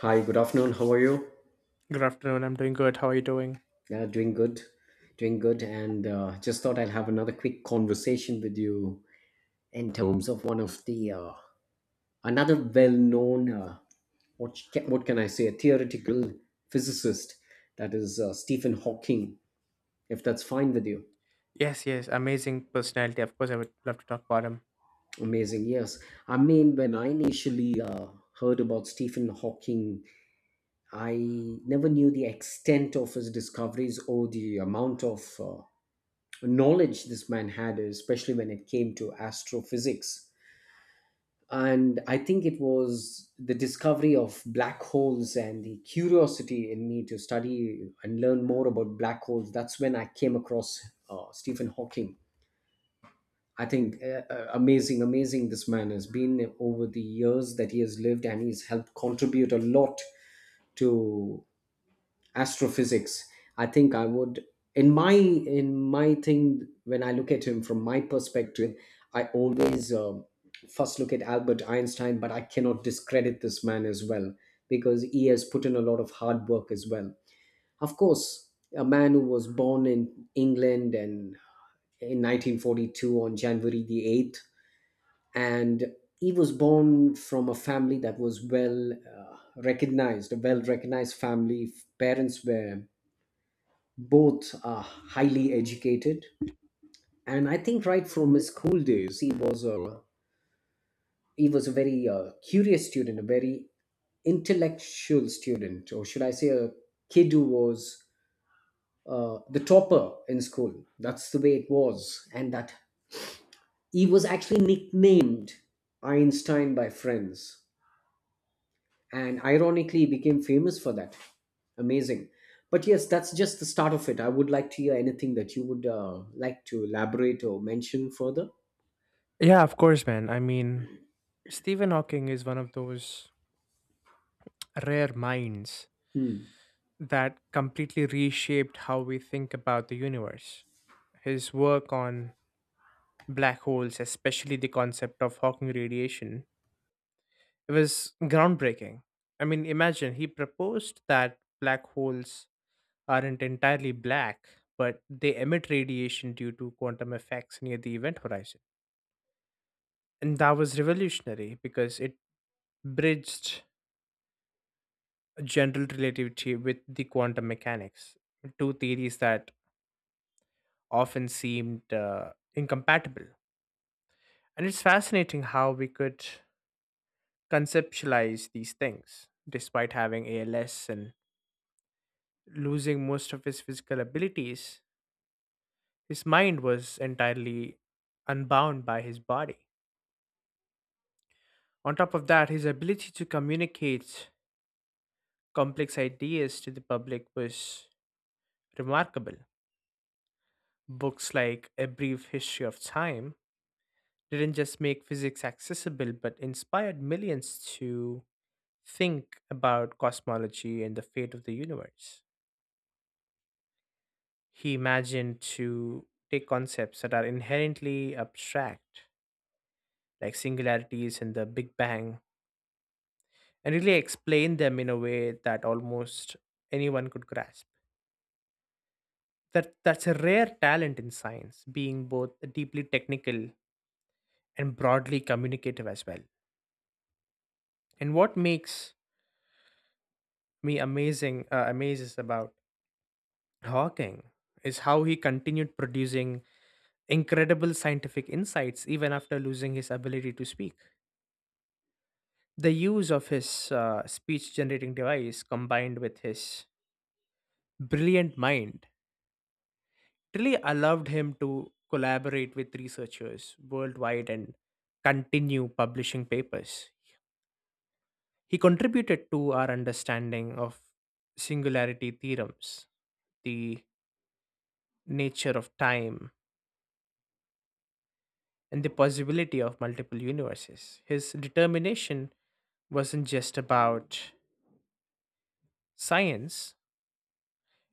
Hi, good afternoon. How are you? Good afternoon. I'm doing good. How are you doing? Yeah, doing good. Doing good. And just thought I'll have another quick conversation with you in terms of one of the another well-known what can I say, a theoretical physicist, that is Stephen Hawking. If that's fine with you, Yes, yes. Amazing personality. Of course, I would love to talk about him. amazing. Yes, I mean when I initially heard about Stephen Hawking, I never knew the extent of his discoveries or the amount of knowledge this man had, especially when it came to astrophysics. And I think it was the discovery of black holes and the curiosity in me to study and learn more about black holes. That's when I came across Stephen Hawking. I think amazing, amazing this man has been over the years that he has lived, and he's helped contribute a lot to astrophysics. I think I would, in my thing, when I look at him from my perspective, I always first look at Albert Einstein, but I cannot discredit this man as well, because he has put in a lot of hard work as well. Of course, a man who was born in England, and in 1942 on January the 8th. And he was born from a family that was well, recognized, a well recognized family. Parents were both are highly educated. And I think right from his school days, he was a very curious student, a very intellectual student, or should I say a kid who was the topper in school. That's the way it was. And that he was actually nicknamed Einstein by friends, and ironically he became famous for that. Amazing. But yes, that's just the start of it. I would like to hear anything that you would like to elaborate or mention further. Yeah, of course, man. I mean, Stephen Hawking is one of those rare minds Hmm. that completely reshaped how we think about the universe. His work on black holes, especially the concept of Hawking radiation, it was groundbreaking. I mean, imagine he proposed that black holes aren't entirely black, but they emit radiation due to quantum effects near the event horizon. And that was revolutionary because it bridged general relativity with the quantum mechanics, two theories that often seemed incompatible. And it's fascinating how we could conceptualize these things. Despite having ALS and losing most of his physical abilities, his mind was entirely unbound by his body. On top of that, his ability to communicate complex ideas to the public was remarkable. Books like A Brief History of Time didn't just make physics accessible, but inspired millions to think about cosmology and the fate of the universe. He imagined to take concepts that are inherently abstract, like singularities and the Big Bang, and really explain them in a way that almost anyone could grasp. That's a rare talent in science, being both deeply technical and broadly communicative as well. And what makes me amazes about Hawking is how he continued producing incredible scientific insights even after losing his ability to speak. The use of his speech generating device combined with his brilliant mind really allowed him to collaborate with researchers worldwide and continue publishing papers. He contributed to our understanding of singularity theorems, the nature of time, and the possibility of multiple universes. His determination wasn't just about science.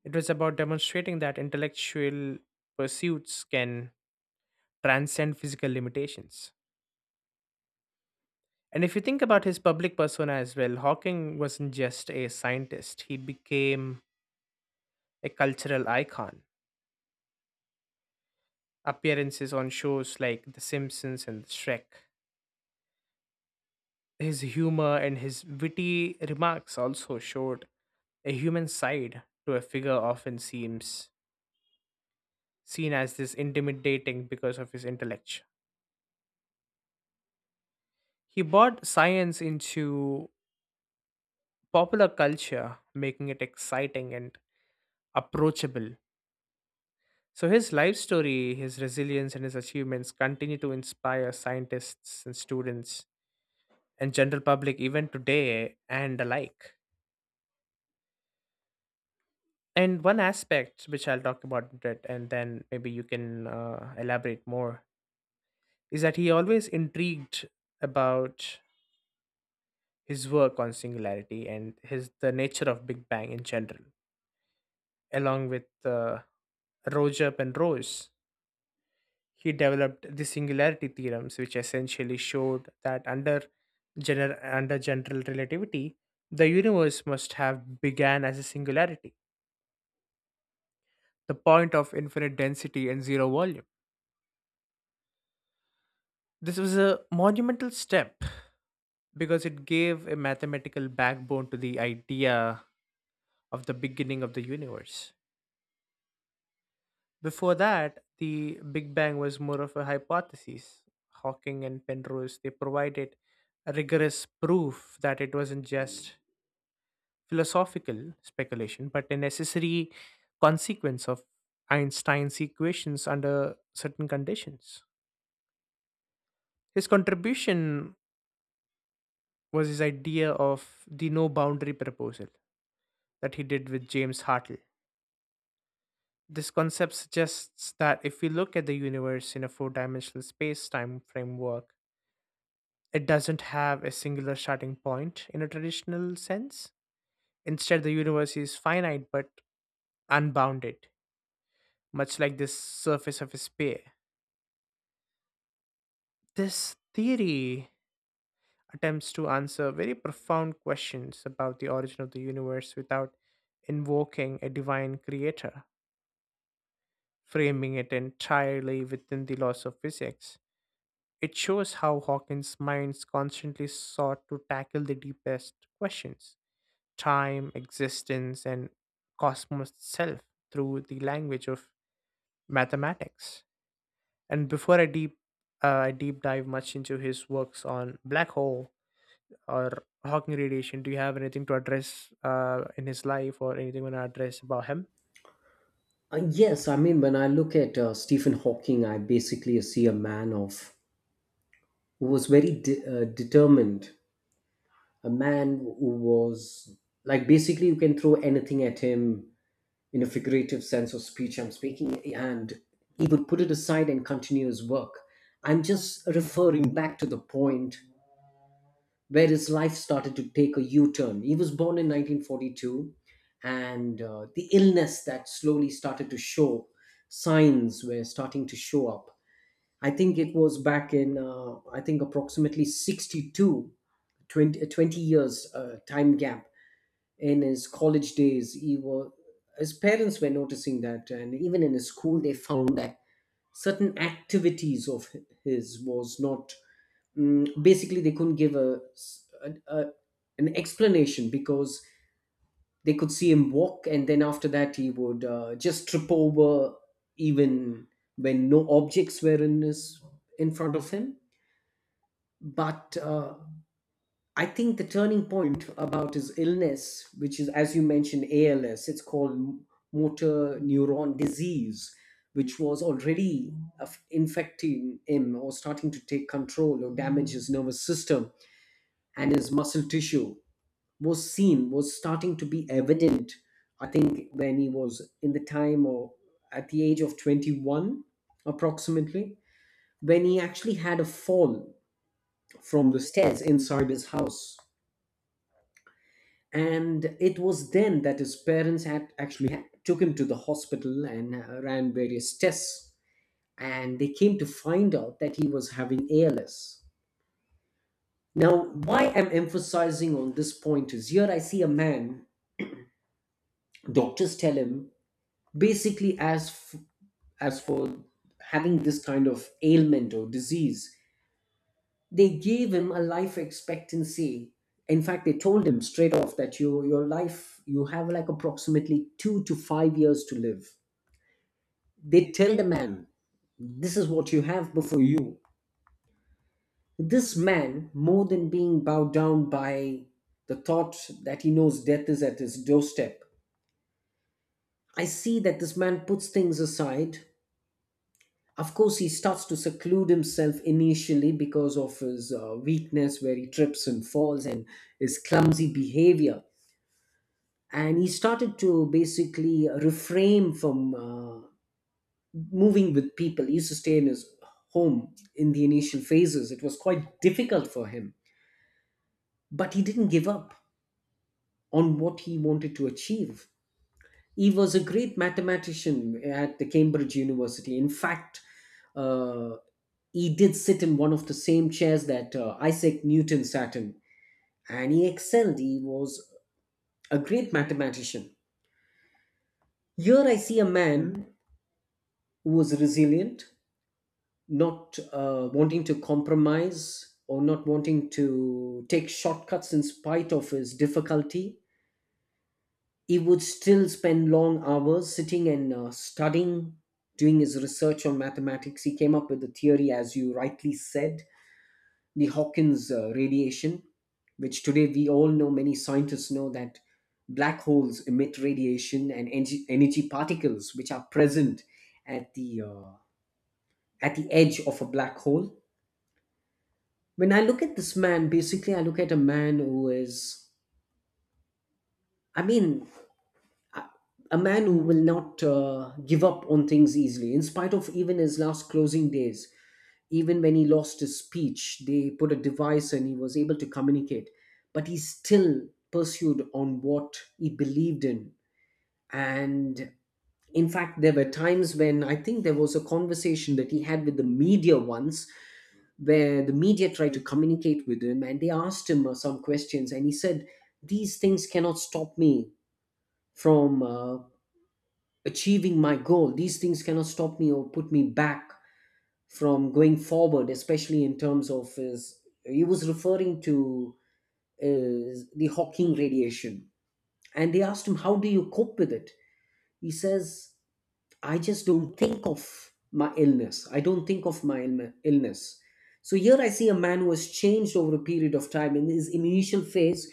It was about demonstrating that intellectual pursuits can transcend physical limitations. And if you think about his public persona as well, Hawking wasn't just a scientist, he became a cultural icon. Appearances on shows like The Simpsons and Shrek, his humor and his witty remarks also showed a human side to a figure often seems seen as this intimidating because of his intellect. He brought science into popular culture, making it exciting and approachable. So, his life story, his resilience, and his achievements continue to inspire scientists and students and general public even today and alike. And one aspect which I'll talk about it and then maybe you can elaborate more is that he always intrigued about his work on singularity and his the nature of Big Bang in general, along with uh, Roger Penrose. He developed the singularity theorems, which essentially showed that under general relativity, the universe must have began as a singularity, the point of infinite density and zero volume. This was a monumental step because it gave a mathematical backbone to the idea of the beginning of the universe. Before that, the Big Bang was more of a hypothesis. Hawking and Penrose, they provided a rigorous proof that it wasn't just philosophical speculation, but a necessary consequence of Einstein's equations under certain conditions. His contribution was his idea of the no boundary proposal that he did with James Hartle. This concept suggests that if we look at the universe in a four dimensional space time framework, it doesn't have a singular starting point in a traditional sense. Instead, the universe is finite but unbounded, much like the surface of a sphere. This theory attempts to answer very profound questions about the origin of the universe without invoking a divine creator, framing it entirely within the laws of physics. It shows how Hawking's minds constantly sought to tackle the deepest questions: time, existence, and cosmos itself, through the language of mathematics. And before I deep dive much into his works on black hole or Hawking radiation? Do you have anything to address in his life or anything you want to address about him? Yes, I mean, when I look at Stephen Hawking, I basically see a man of who was very determined, a man who was like basically you can throw anything at him, in a figurative sense of speech I'm speaking, and he would put it aside and continue his work. I'm just referring back to the point where his life started to take a U-turn. He was born in 1942, and the illness that slowly started to show signs were starting to show up. I think it was back in I think approximately 62, 20 years time gap in his college days. He was, his parents were noticing that, and even in his school, they found that certain activities of his was not, basically they couldn't give a, an explanation, because they could see him walk, and then after that he would just trip over, even when no objects were in front of him. But I think the turning point about his illness, which is as you mentioned ALS, it's called motor neuron disease, which was already infecting him or starting to take control or damage his nervous system and his muscle tissue, was seen, was starting to be evident. I think when he was in the time or at the age of 21 approximately, when he actually had a fall from the stairs inside his house, and it was then that his parents had actually took him to the hospital and ran various tests, and they came to find out that he was having ALS. Now, why I'm emphasizing on this point is here I see a man. Doctors tell him, basically, as for having this kind of ailment or disease, they gave him a life expectancy. In fact, they told him straight off that your life, you have like approximately 2 to 5 years to live. They tell the man, this is what you have before you. This man, more than being bowed down by the thought that he knows death is at his doorstep, I see that this man puts things aside. Of course, he starts to seclude himself initially because of his weakness, where he trips and falls, and his clumsy behavior. And he started to basically refrain from moving with people. He used to stay in his home. In the initial phases, it was quite difficult for him, but he didn't give up on what he wanted to achieve. He was a great mathematician at the Cambridge University. In fact, uh, he did sit in one of the same chairs that Isaac Newton sat in, and he excelled. He was a great mathematician. Here I see a man who was resilient, not wanting to compromise or not wanting to take shortcuts in spite of his difficulty. He would still spend long hours sitting and studying, doing his research on mathematics. He came up with the theory, as you rightly said, the Hawkins radiation, which today we all know, many scientists know, that black holes emit radiation and energy, energy particles which are present at the uh, at the edge of a black hole. When I look at this man, basically, I look at a man who is, I mean, a a man who will not give up on things easily, in spite of even his last closing days. Even when he lost his speech, they put a device and he was able to communicate. But he still pursued on what he believed in. And in fact, there were times when I think there was a conversation that he had with the media once, where the media tried to communicate with him and they asked him some questions. And he said, these things cannot stop me from achieving my goal. These things cannot stop me or put me back from going forward, especially in terms of his. He was referring to the Hawking radiation, and they asked him, "How do you cope with it?" He says, I just don't think of my illness. I don't think of my illness. So here I see a man who has changed over a period of time. In his initial phase,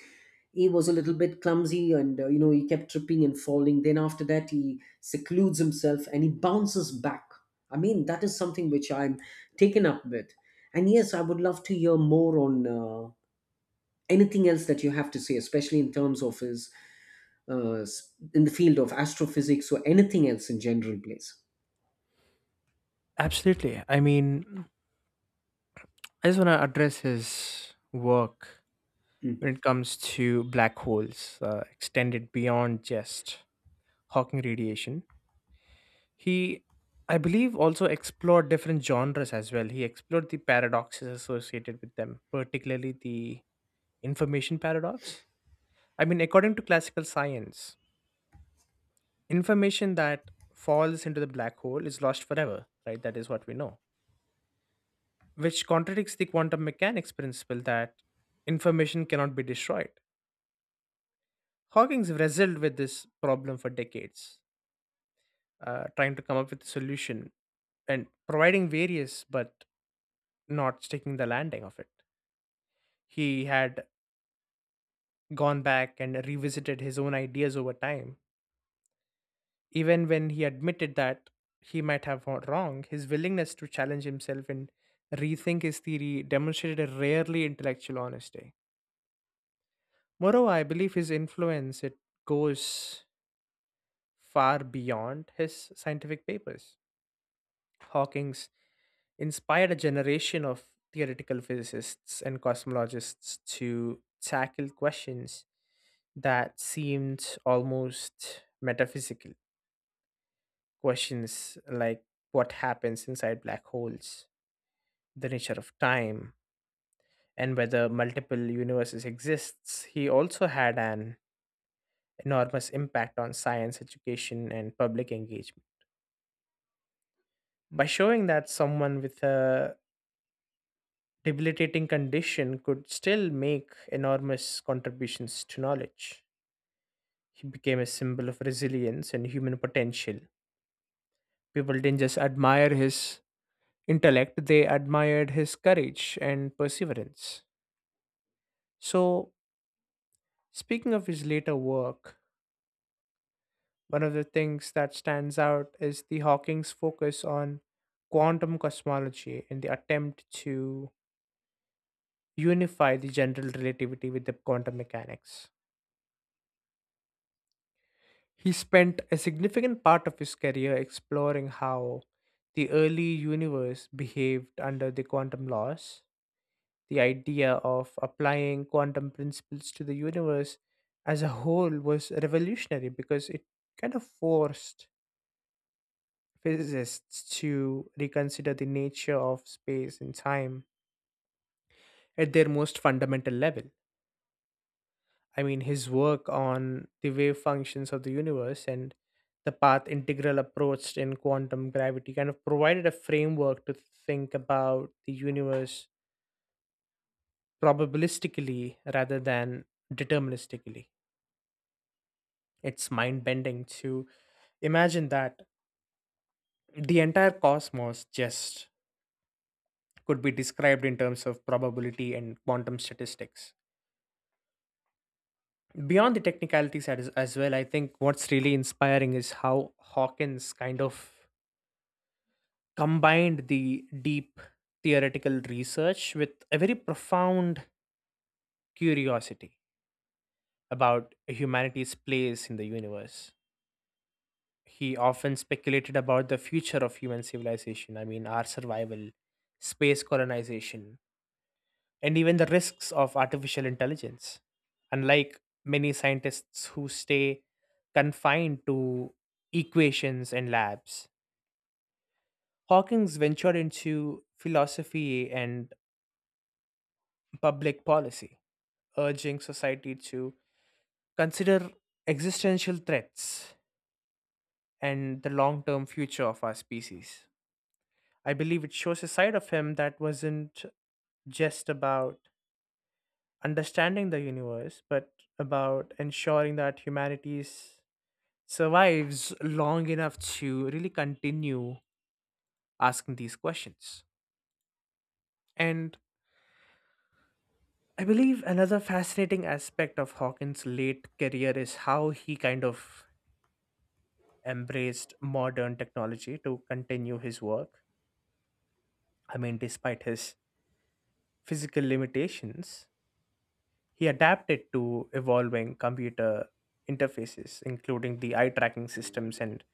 he was a little bit clumsy and you know he kept tripping and falling. Then after that, he secludes himself and he bounces back. I mean that is something which I'm taken up with. And yes, I would love to hear more on anything else that you have to say, especially in terms of his in the field of astrophysics or anything else in general, please. Absolutely. I mean, I just want to address his work when it comes to black holes extended beyond just Hawking radiation. He, I believe, also explored different genres as well. He explored the paradoxes associated with them, particularly the information paradox. I mean, according to classical science, information that falls into the black hole is lost forever, right? That is what we know, which contradicts the quantum mechanics principle that information cannot be destroyed. Hawking's wrestled with this problem for decades, trying to come up with a solution and providing various but not sticking the landing of it. He had gone back and revisited his own ideas over time. Even when he admitted that he might have gone wrong, his willingness to challenge himself and rethink his theory demonstrated a rarely intellectual honesty. Moreover, I believe his influence, it goes far beyond his scientific papers. Hawking's inspired a generation of theoretical physicists and cosmologists to tackle questions that seemed almost metaphysical, questions like what happens inside black holes, the nature of time, and whether multiple universes exists. He also had an enormous impact on science education and public engagement. By showing that someone with a debilitating condition could still make enormous contributions to knowledge, he became a symbol of resilience and human potential. People didn't just admire his intellect, they admired his courage and perseverance. So, speaking of his later work, one of the things that stands out is the Hawking's focus on quantum cosmology in the attempt to unify the general relativity with the quantum mechanics. He spent a significant part of his career exploring how the early universe behaved under the quantum laws. The idea of applying quantum principles to the universe as a whole was revolutionary because it kind of forced physicists to reconsider the nature of space and time at their most fundamental level. I mean, his work on the wave functions of the universe and the path integral approach in quantum gravity kind of provided a framework to think about the universe probabilistically rather than deterministically. It's mind bending to imagine that the entire cosmos just could be described in terms of probability and quantum statistics beyond the technicalities. As well, I think what's really inspiring is how Hawkins kind of combined the deep theoretical research with a very profound curiosity about humanity's place in the universe. He often speculated about the future of human civilization. I mean, our survival, space colonization, and even the risks of artificial intelligence. Unlike many scientists who stay confined to equations and labs, Hawking's ventured into philosophy and public policy, urging society to consider existential threats and the long term future of our species. I believe it shows a side of him that wasn't just about understanding the universe, but about ensuring that humanity's survives long enough to really continue asking these questions. And I believe another fascinating aspect of Hawkins' late career is how he kind of embraced modern technology to continue his work. I mean, despite his physical limitations, he adapted to evolving computer interfaces, including the eye tracking systems and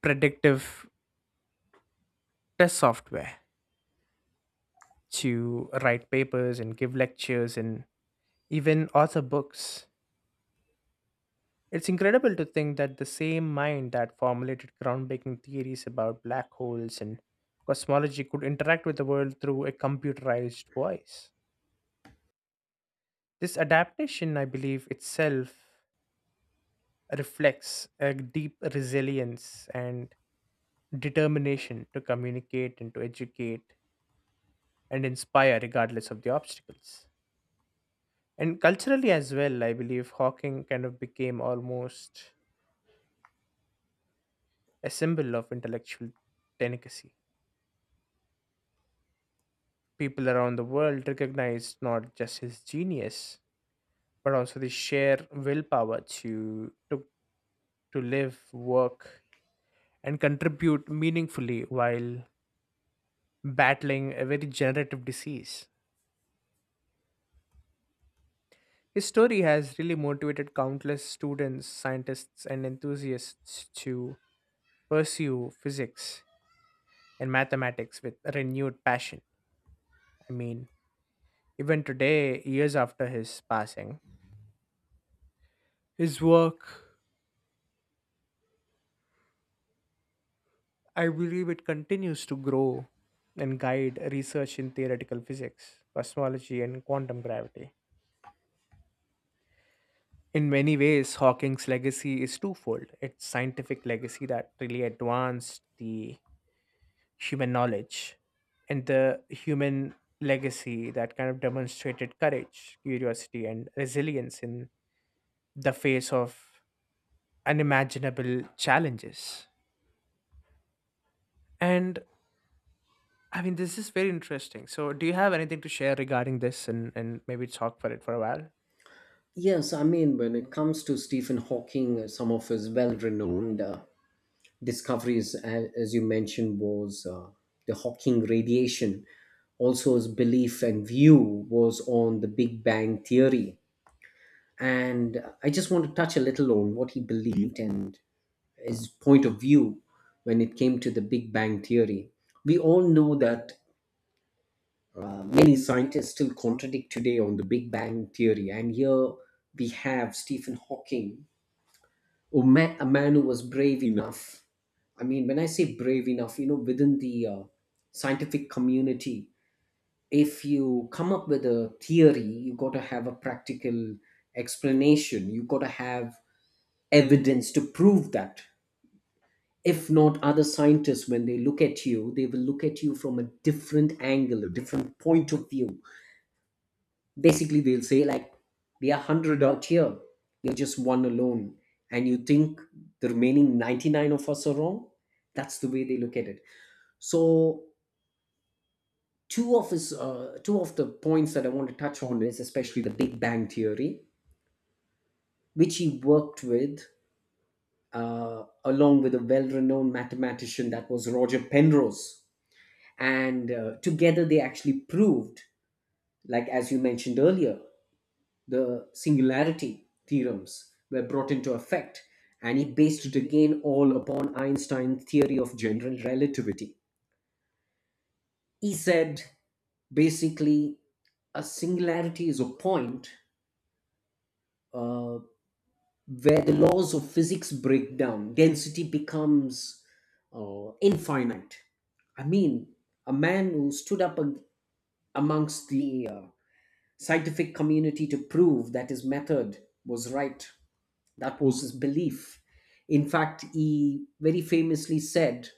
predictive test software, to write papers and give lectures in even author books. It's incredible to think that the same mind that formulated groundbreaking theories about black holes and cosmology could interact with the world through a computerized voice. This adaptation, I believe, itself reflects a deep resilience and determination to communicate and to educate and inspire regardless of the obstacles. And culturally as well, I believe Hawking kind of became almost a symbol of intellectual delicacy. People around the world recognized not just his genius, but also the sheer willpower to live, work, and contribute meaningfully while battling a very generative disease. His story has really motivated countless students, scientists, and enthusiasts to pursue physics and mathematics with renewed passion. I mean, even today, years after his passing, his work, I believe it continues to grow and guide research in theoretical physics, cosmology, and quantum gravity. In many ways, Hawking's legacy is twofold. It's scientific legacy that really advanced the human knowledge and the human legacy that kind of demonstrated courage, curiosity, and resilience in the face of unimaginable challenges. And I mean, this is very interesting. So, do you have anything to share regarding this, and maybe talk for it for a while? Yes, I mean, when it comes to Stephen Hawking, some of his well renowned discoveries, as you mentioned, was the Hawking radiation. Also, his belief and view was on the Big Bang theory. And I just want to touch a little on what he believed and his point of view when it came to the Big Bang theory. We all know that many scientists still contradict today on the Big Bang theory. And here we have Stephen Hawking, or man, a man who was brave enough. I mean, when I say brave enough, you know, within the scientific community, if you come up with a theory, you got to have a practical explanation. You got to have evidence to prove that. If not, other scientists, when they look at you, they will look at you from a different angle, a different point of view. Basically they'll say, like, we are 100 out here, you're just one alone, and you think the remaining 99 of us are wrong. That's the way they look at it. So, two of his, two of the points that I want to touch on is especially the Big Bang theory, which he worked with, along with a well-renowned mathematician, that was Roger Penrose. And together they actually proved, like as you mentioned earlier, the singularity theorems were brought into effect, and he based it again all upon Einstein's theory of general relativity. He said basically a singularity is a point uh, where the laws of physics break down, density becomes infinite. I mean, a man who stood up amongst the scientific community to prove that his method was right. That was his belief. In fact, he very famously said,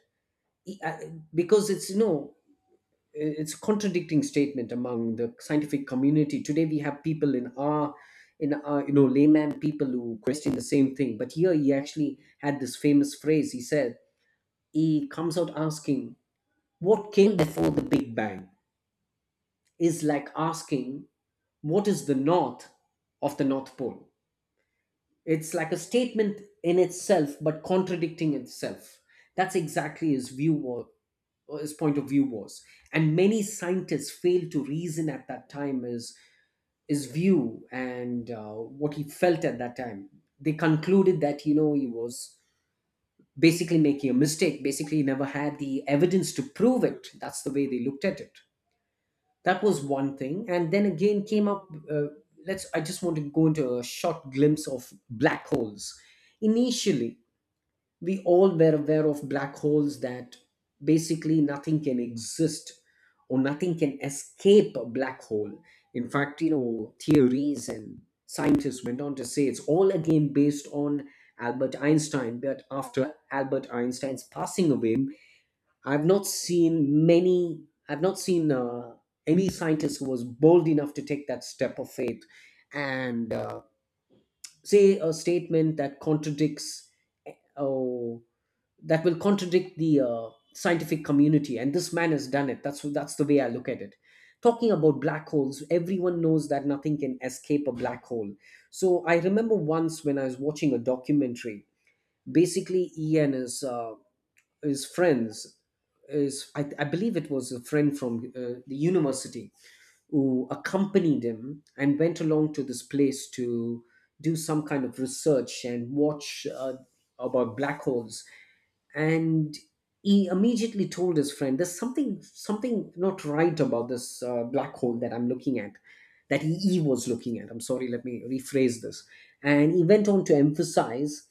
because it's, you know, it's a contradicting statement among the scientific community today. We have people in our, you know, layman people who question the same thing, but here he actually had this famous phrase. He said, he comes out asking, "What came before the Big Bang?" is like asking, "What is the north of the North Pole?" It's like a statement in itself, but contradicting itself. That's exactly his or his point of view was. And many scientists failed to reason at that time his view and what he felt at that time. They concluded that, he was basically making a mistake. Basically, he never had the evidence to prove it. That's the way they looked at it. That was one thing. And then again came up, let's I just want to go into a short glimpse of black holes initially. We all were aware of black holes, that basically nothing can exist or nothing can escape a black hole. In fact, theories and scientists went on to say it's all again based on Albert Einstein. But after Albert Einstein's passing away, I've not seen many, I've not seen any scientist who was bold enough to take that step of faith and say a statement that contradicts, eh, oh, that will contradict the scientific community. And this man has done it. That's the way I look at it. Talking about black holes, everyone knows that nothing can escape a black hole. So I remember once when I was watching a documentary. Basically, Ian is. His friends is, I believe it was a friend from the university, who accompanied him and went along to this place to do some kind of research and watch, about black holes. And he immediately told his friend, there's something not right about this, black hole that I'm looking at. That he was looking at. I'm sorry, let me rephrase this. And he went on to emphasize,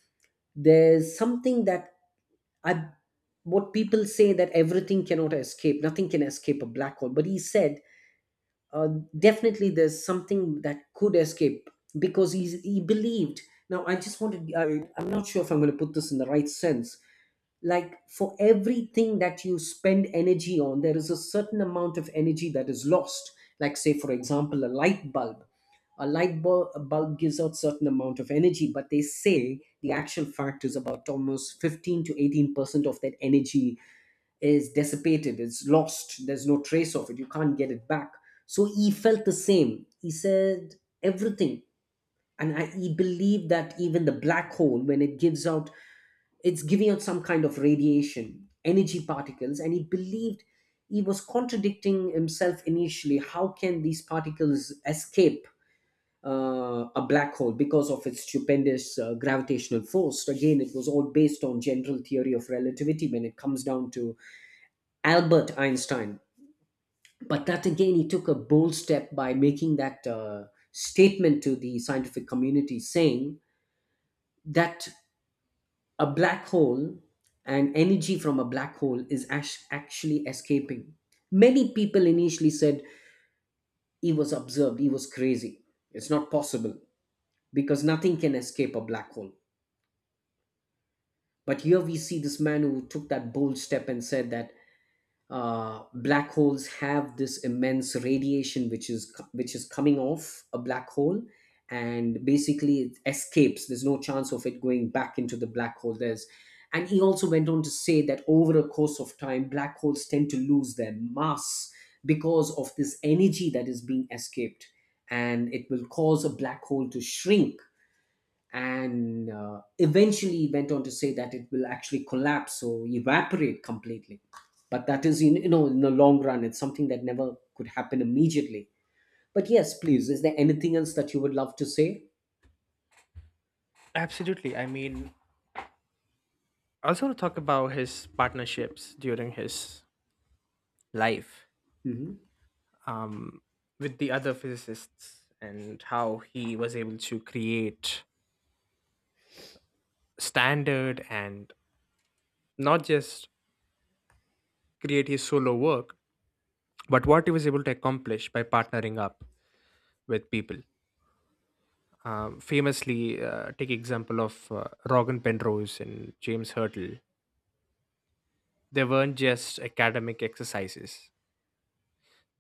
there's something that I, what people say, that everything cannot escape, nothing can escape a black hole. But he said, uh, definitely there's something that could escape. Because he believed. Now, I just wanted, I'm not sure if I'm going to put this in the right sense. Like, for everything that you spend energy on, there is a certain amount of energy that is lost. Like, say, for example, a light bulb. A light bulb, a bulb gives out certain amount of energy, but they say the actual fact is about almost 15 to 18% of that energy is dissipated, it's lost, there's no trace of it, you can't get it back. So he felt the same. He said everything. He believed that even the black hole, when it gives out, it's giving out some kind of radiation, energy particles. And he believed, he was contradicting himself initially. How can these particles escape a black hole because of its stupendous gravitational force? Again, it was all based on general theory of relativity when it comes down to Albert Einstein. But that again, he took a bold step by making that, statement to the scientific community, saying that a black hole and energy from a black hole is actually escaping. Many people initially said he was observed, he was crazy. It's not possible, because nothing can escape a black hole. But here we see this man who took that bold step and said that, black holes have this immense radiation which is coming off a black hole. And basically it escapes, there's no chance of it going back into the black hole. There's And he also went on to say that over a course of time, black holes tend to lose their mass because of this energy that is being escaped, and it will cause a black hole to shrink. And eventually went on to say that it will actually collapse or evaporate completely. But that is, you know, in the long run, it's something that never could happen immediately. But yes, please, is there anything else that you would love to say? Absolutely. I mean, I also want to talk about his partnerships during his life, Hmm. um, with the other physicists and how he was able to create standard and not just create his solo work, but what he was able to accomplish by partnering up with people. Famously, take example of Rogan Penrose and James Hurtle. They weren't just academic exercises.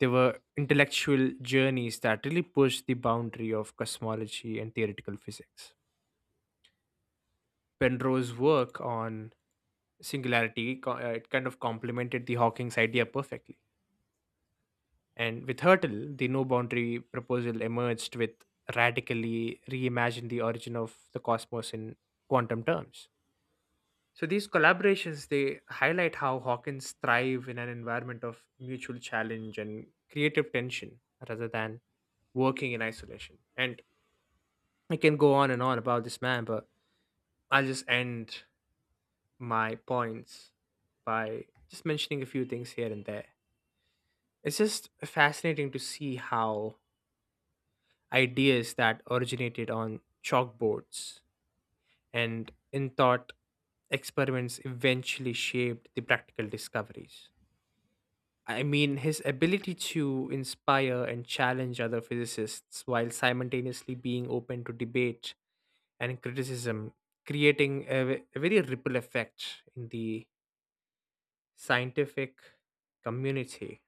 They were intellectual journeys that really pushed the boundary of cosmology and theoretical physics. Penrose's work on singularity it kind of complemented the Hawking's idea perfectly. And with Hurtle, the no boundary proposal emerged with radically reimagined the origin of the cosmos in quantum terms. So these collaborations, they highlight how Hawkins thrive in an environment of mutual challenge and creative tension rather than working in isolation. And I can go on and on about this man, but I'll just end my points by just mentioning a few things here and there. It's just fascinating to see how ideas that originated on chalkboards and in thought experiments eventually shaped the practical discoveries. I mean, his ability to inspire and challenge other physicists while simultaneously being open to debate and criticism, creating a very ripple effect in the scientific community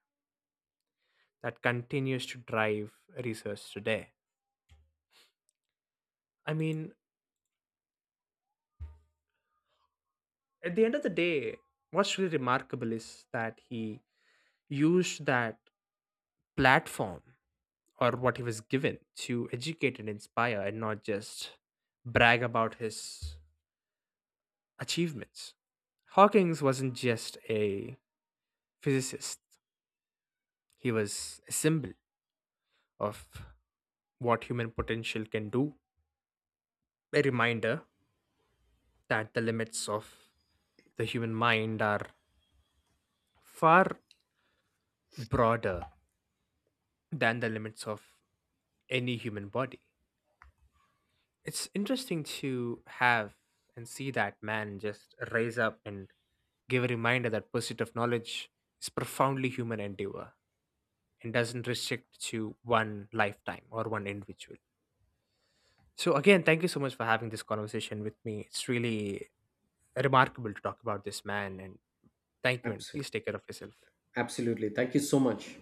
that continues to drive research today. I mean, at the end of the day, what's really remarkable is that he used that platform or what he was given to educate and inspire and not just brag about his achievements. Hawkins wasn't just a physicist, he was a symbol of what human potential can do, a reminder that the limits of the human mind are far broader than the limits of any human body. It's interesting to have and see that man just raise up and give a reminder that pursuit of knowledge is profoundly human endeavor and doesn't restrict to one lifetime or one individual. So again, thank you so much for having this conversation with me. It's really remarkable to talk about this man, and thank you, and please Absolutely. take care of yourself. Absolutely, thank you so much.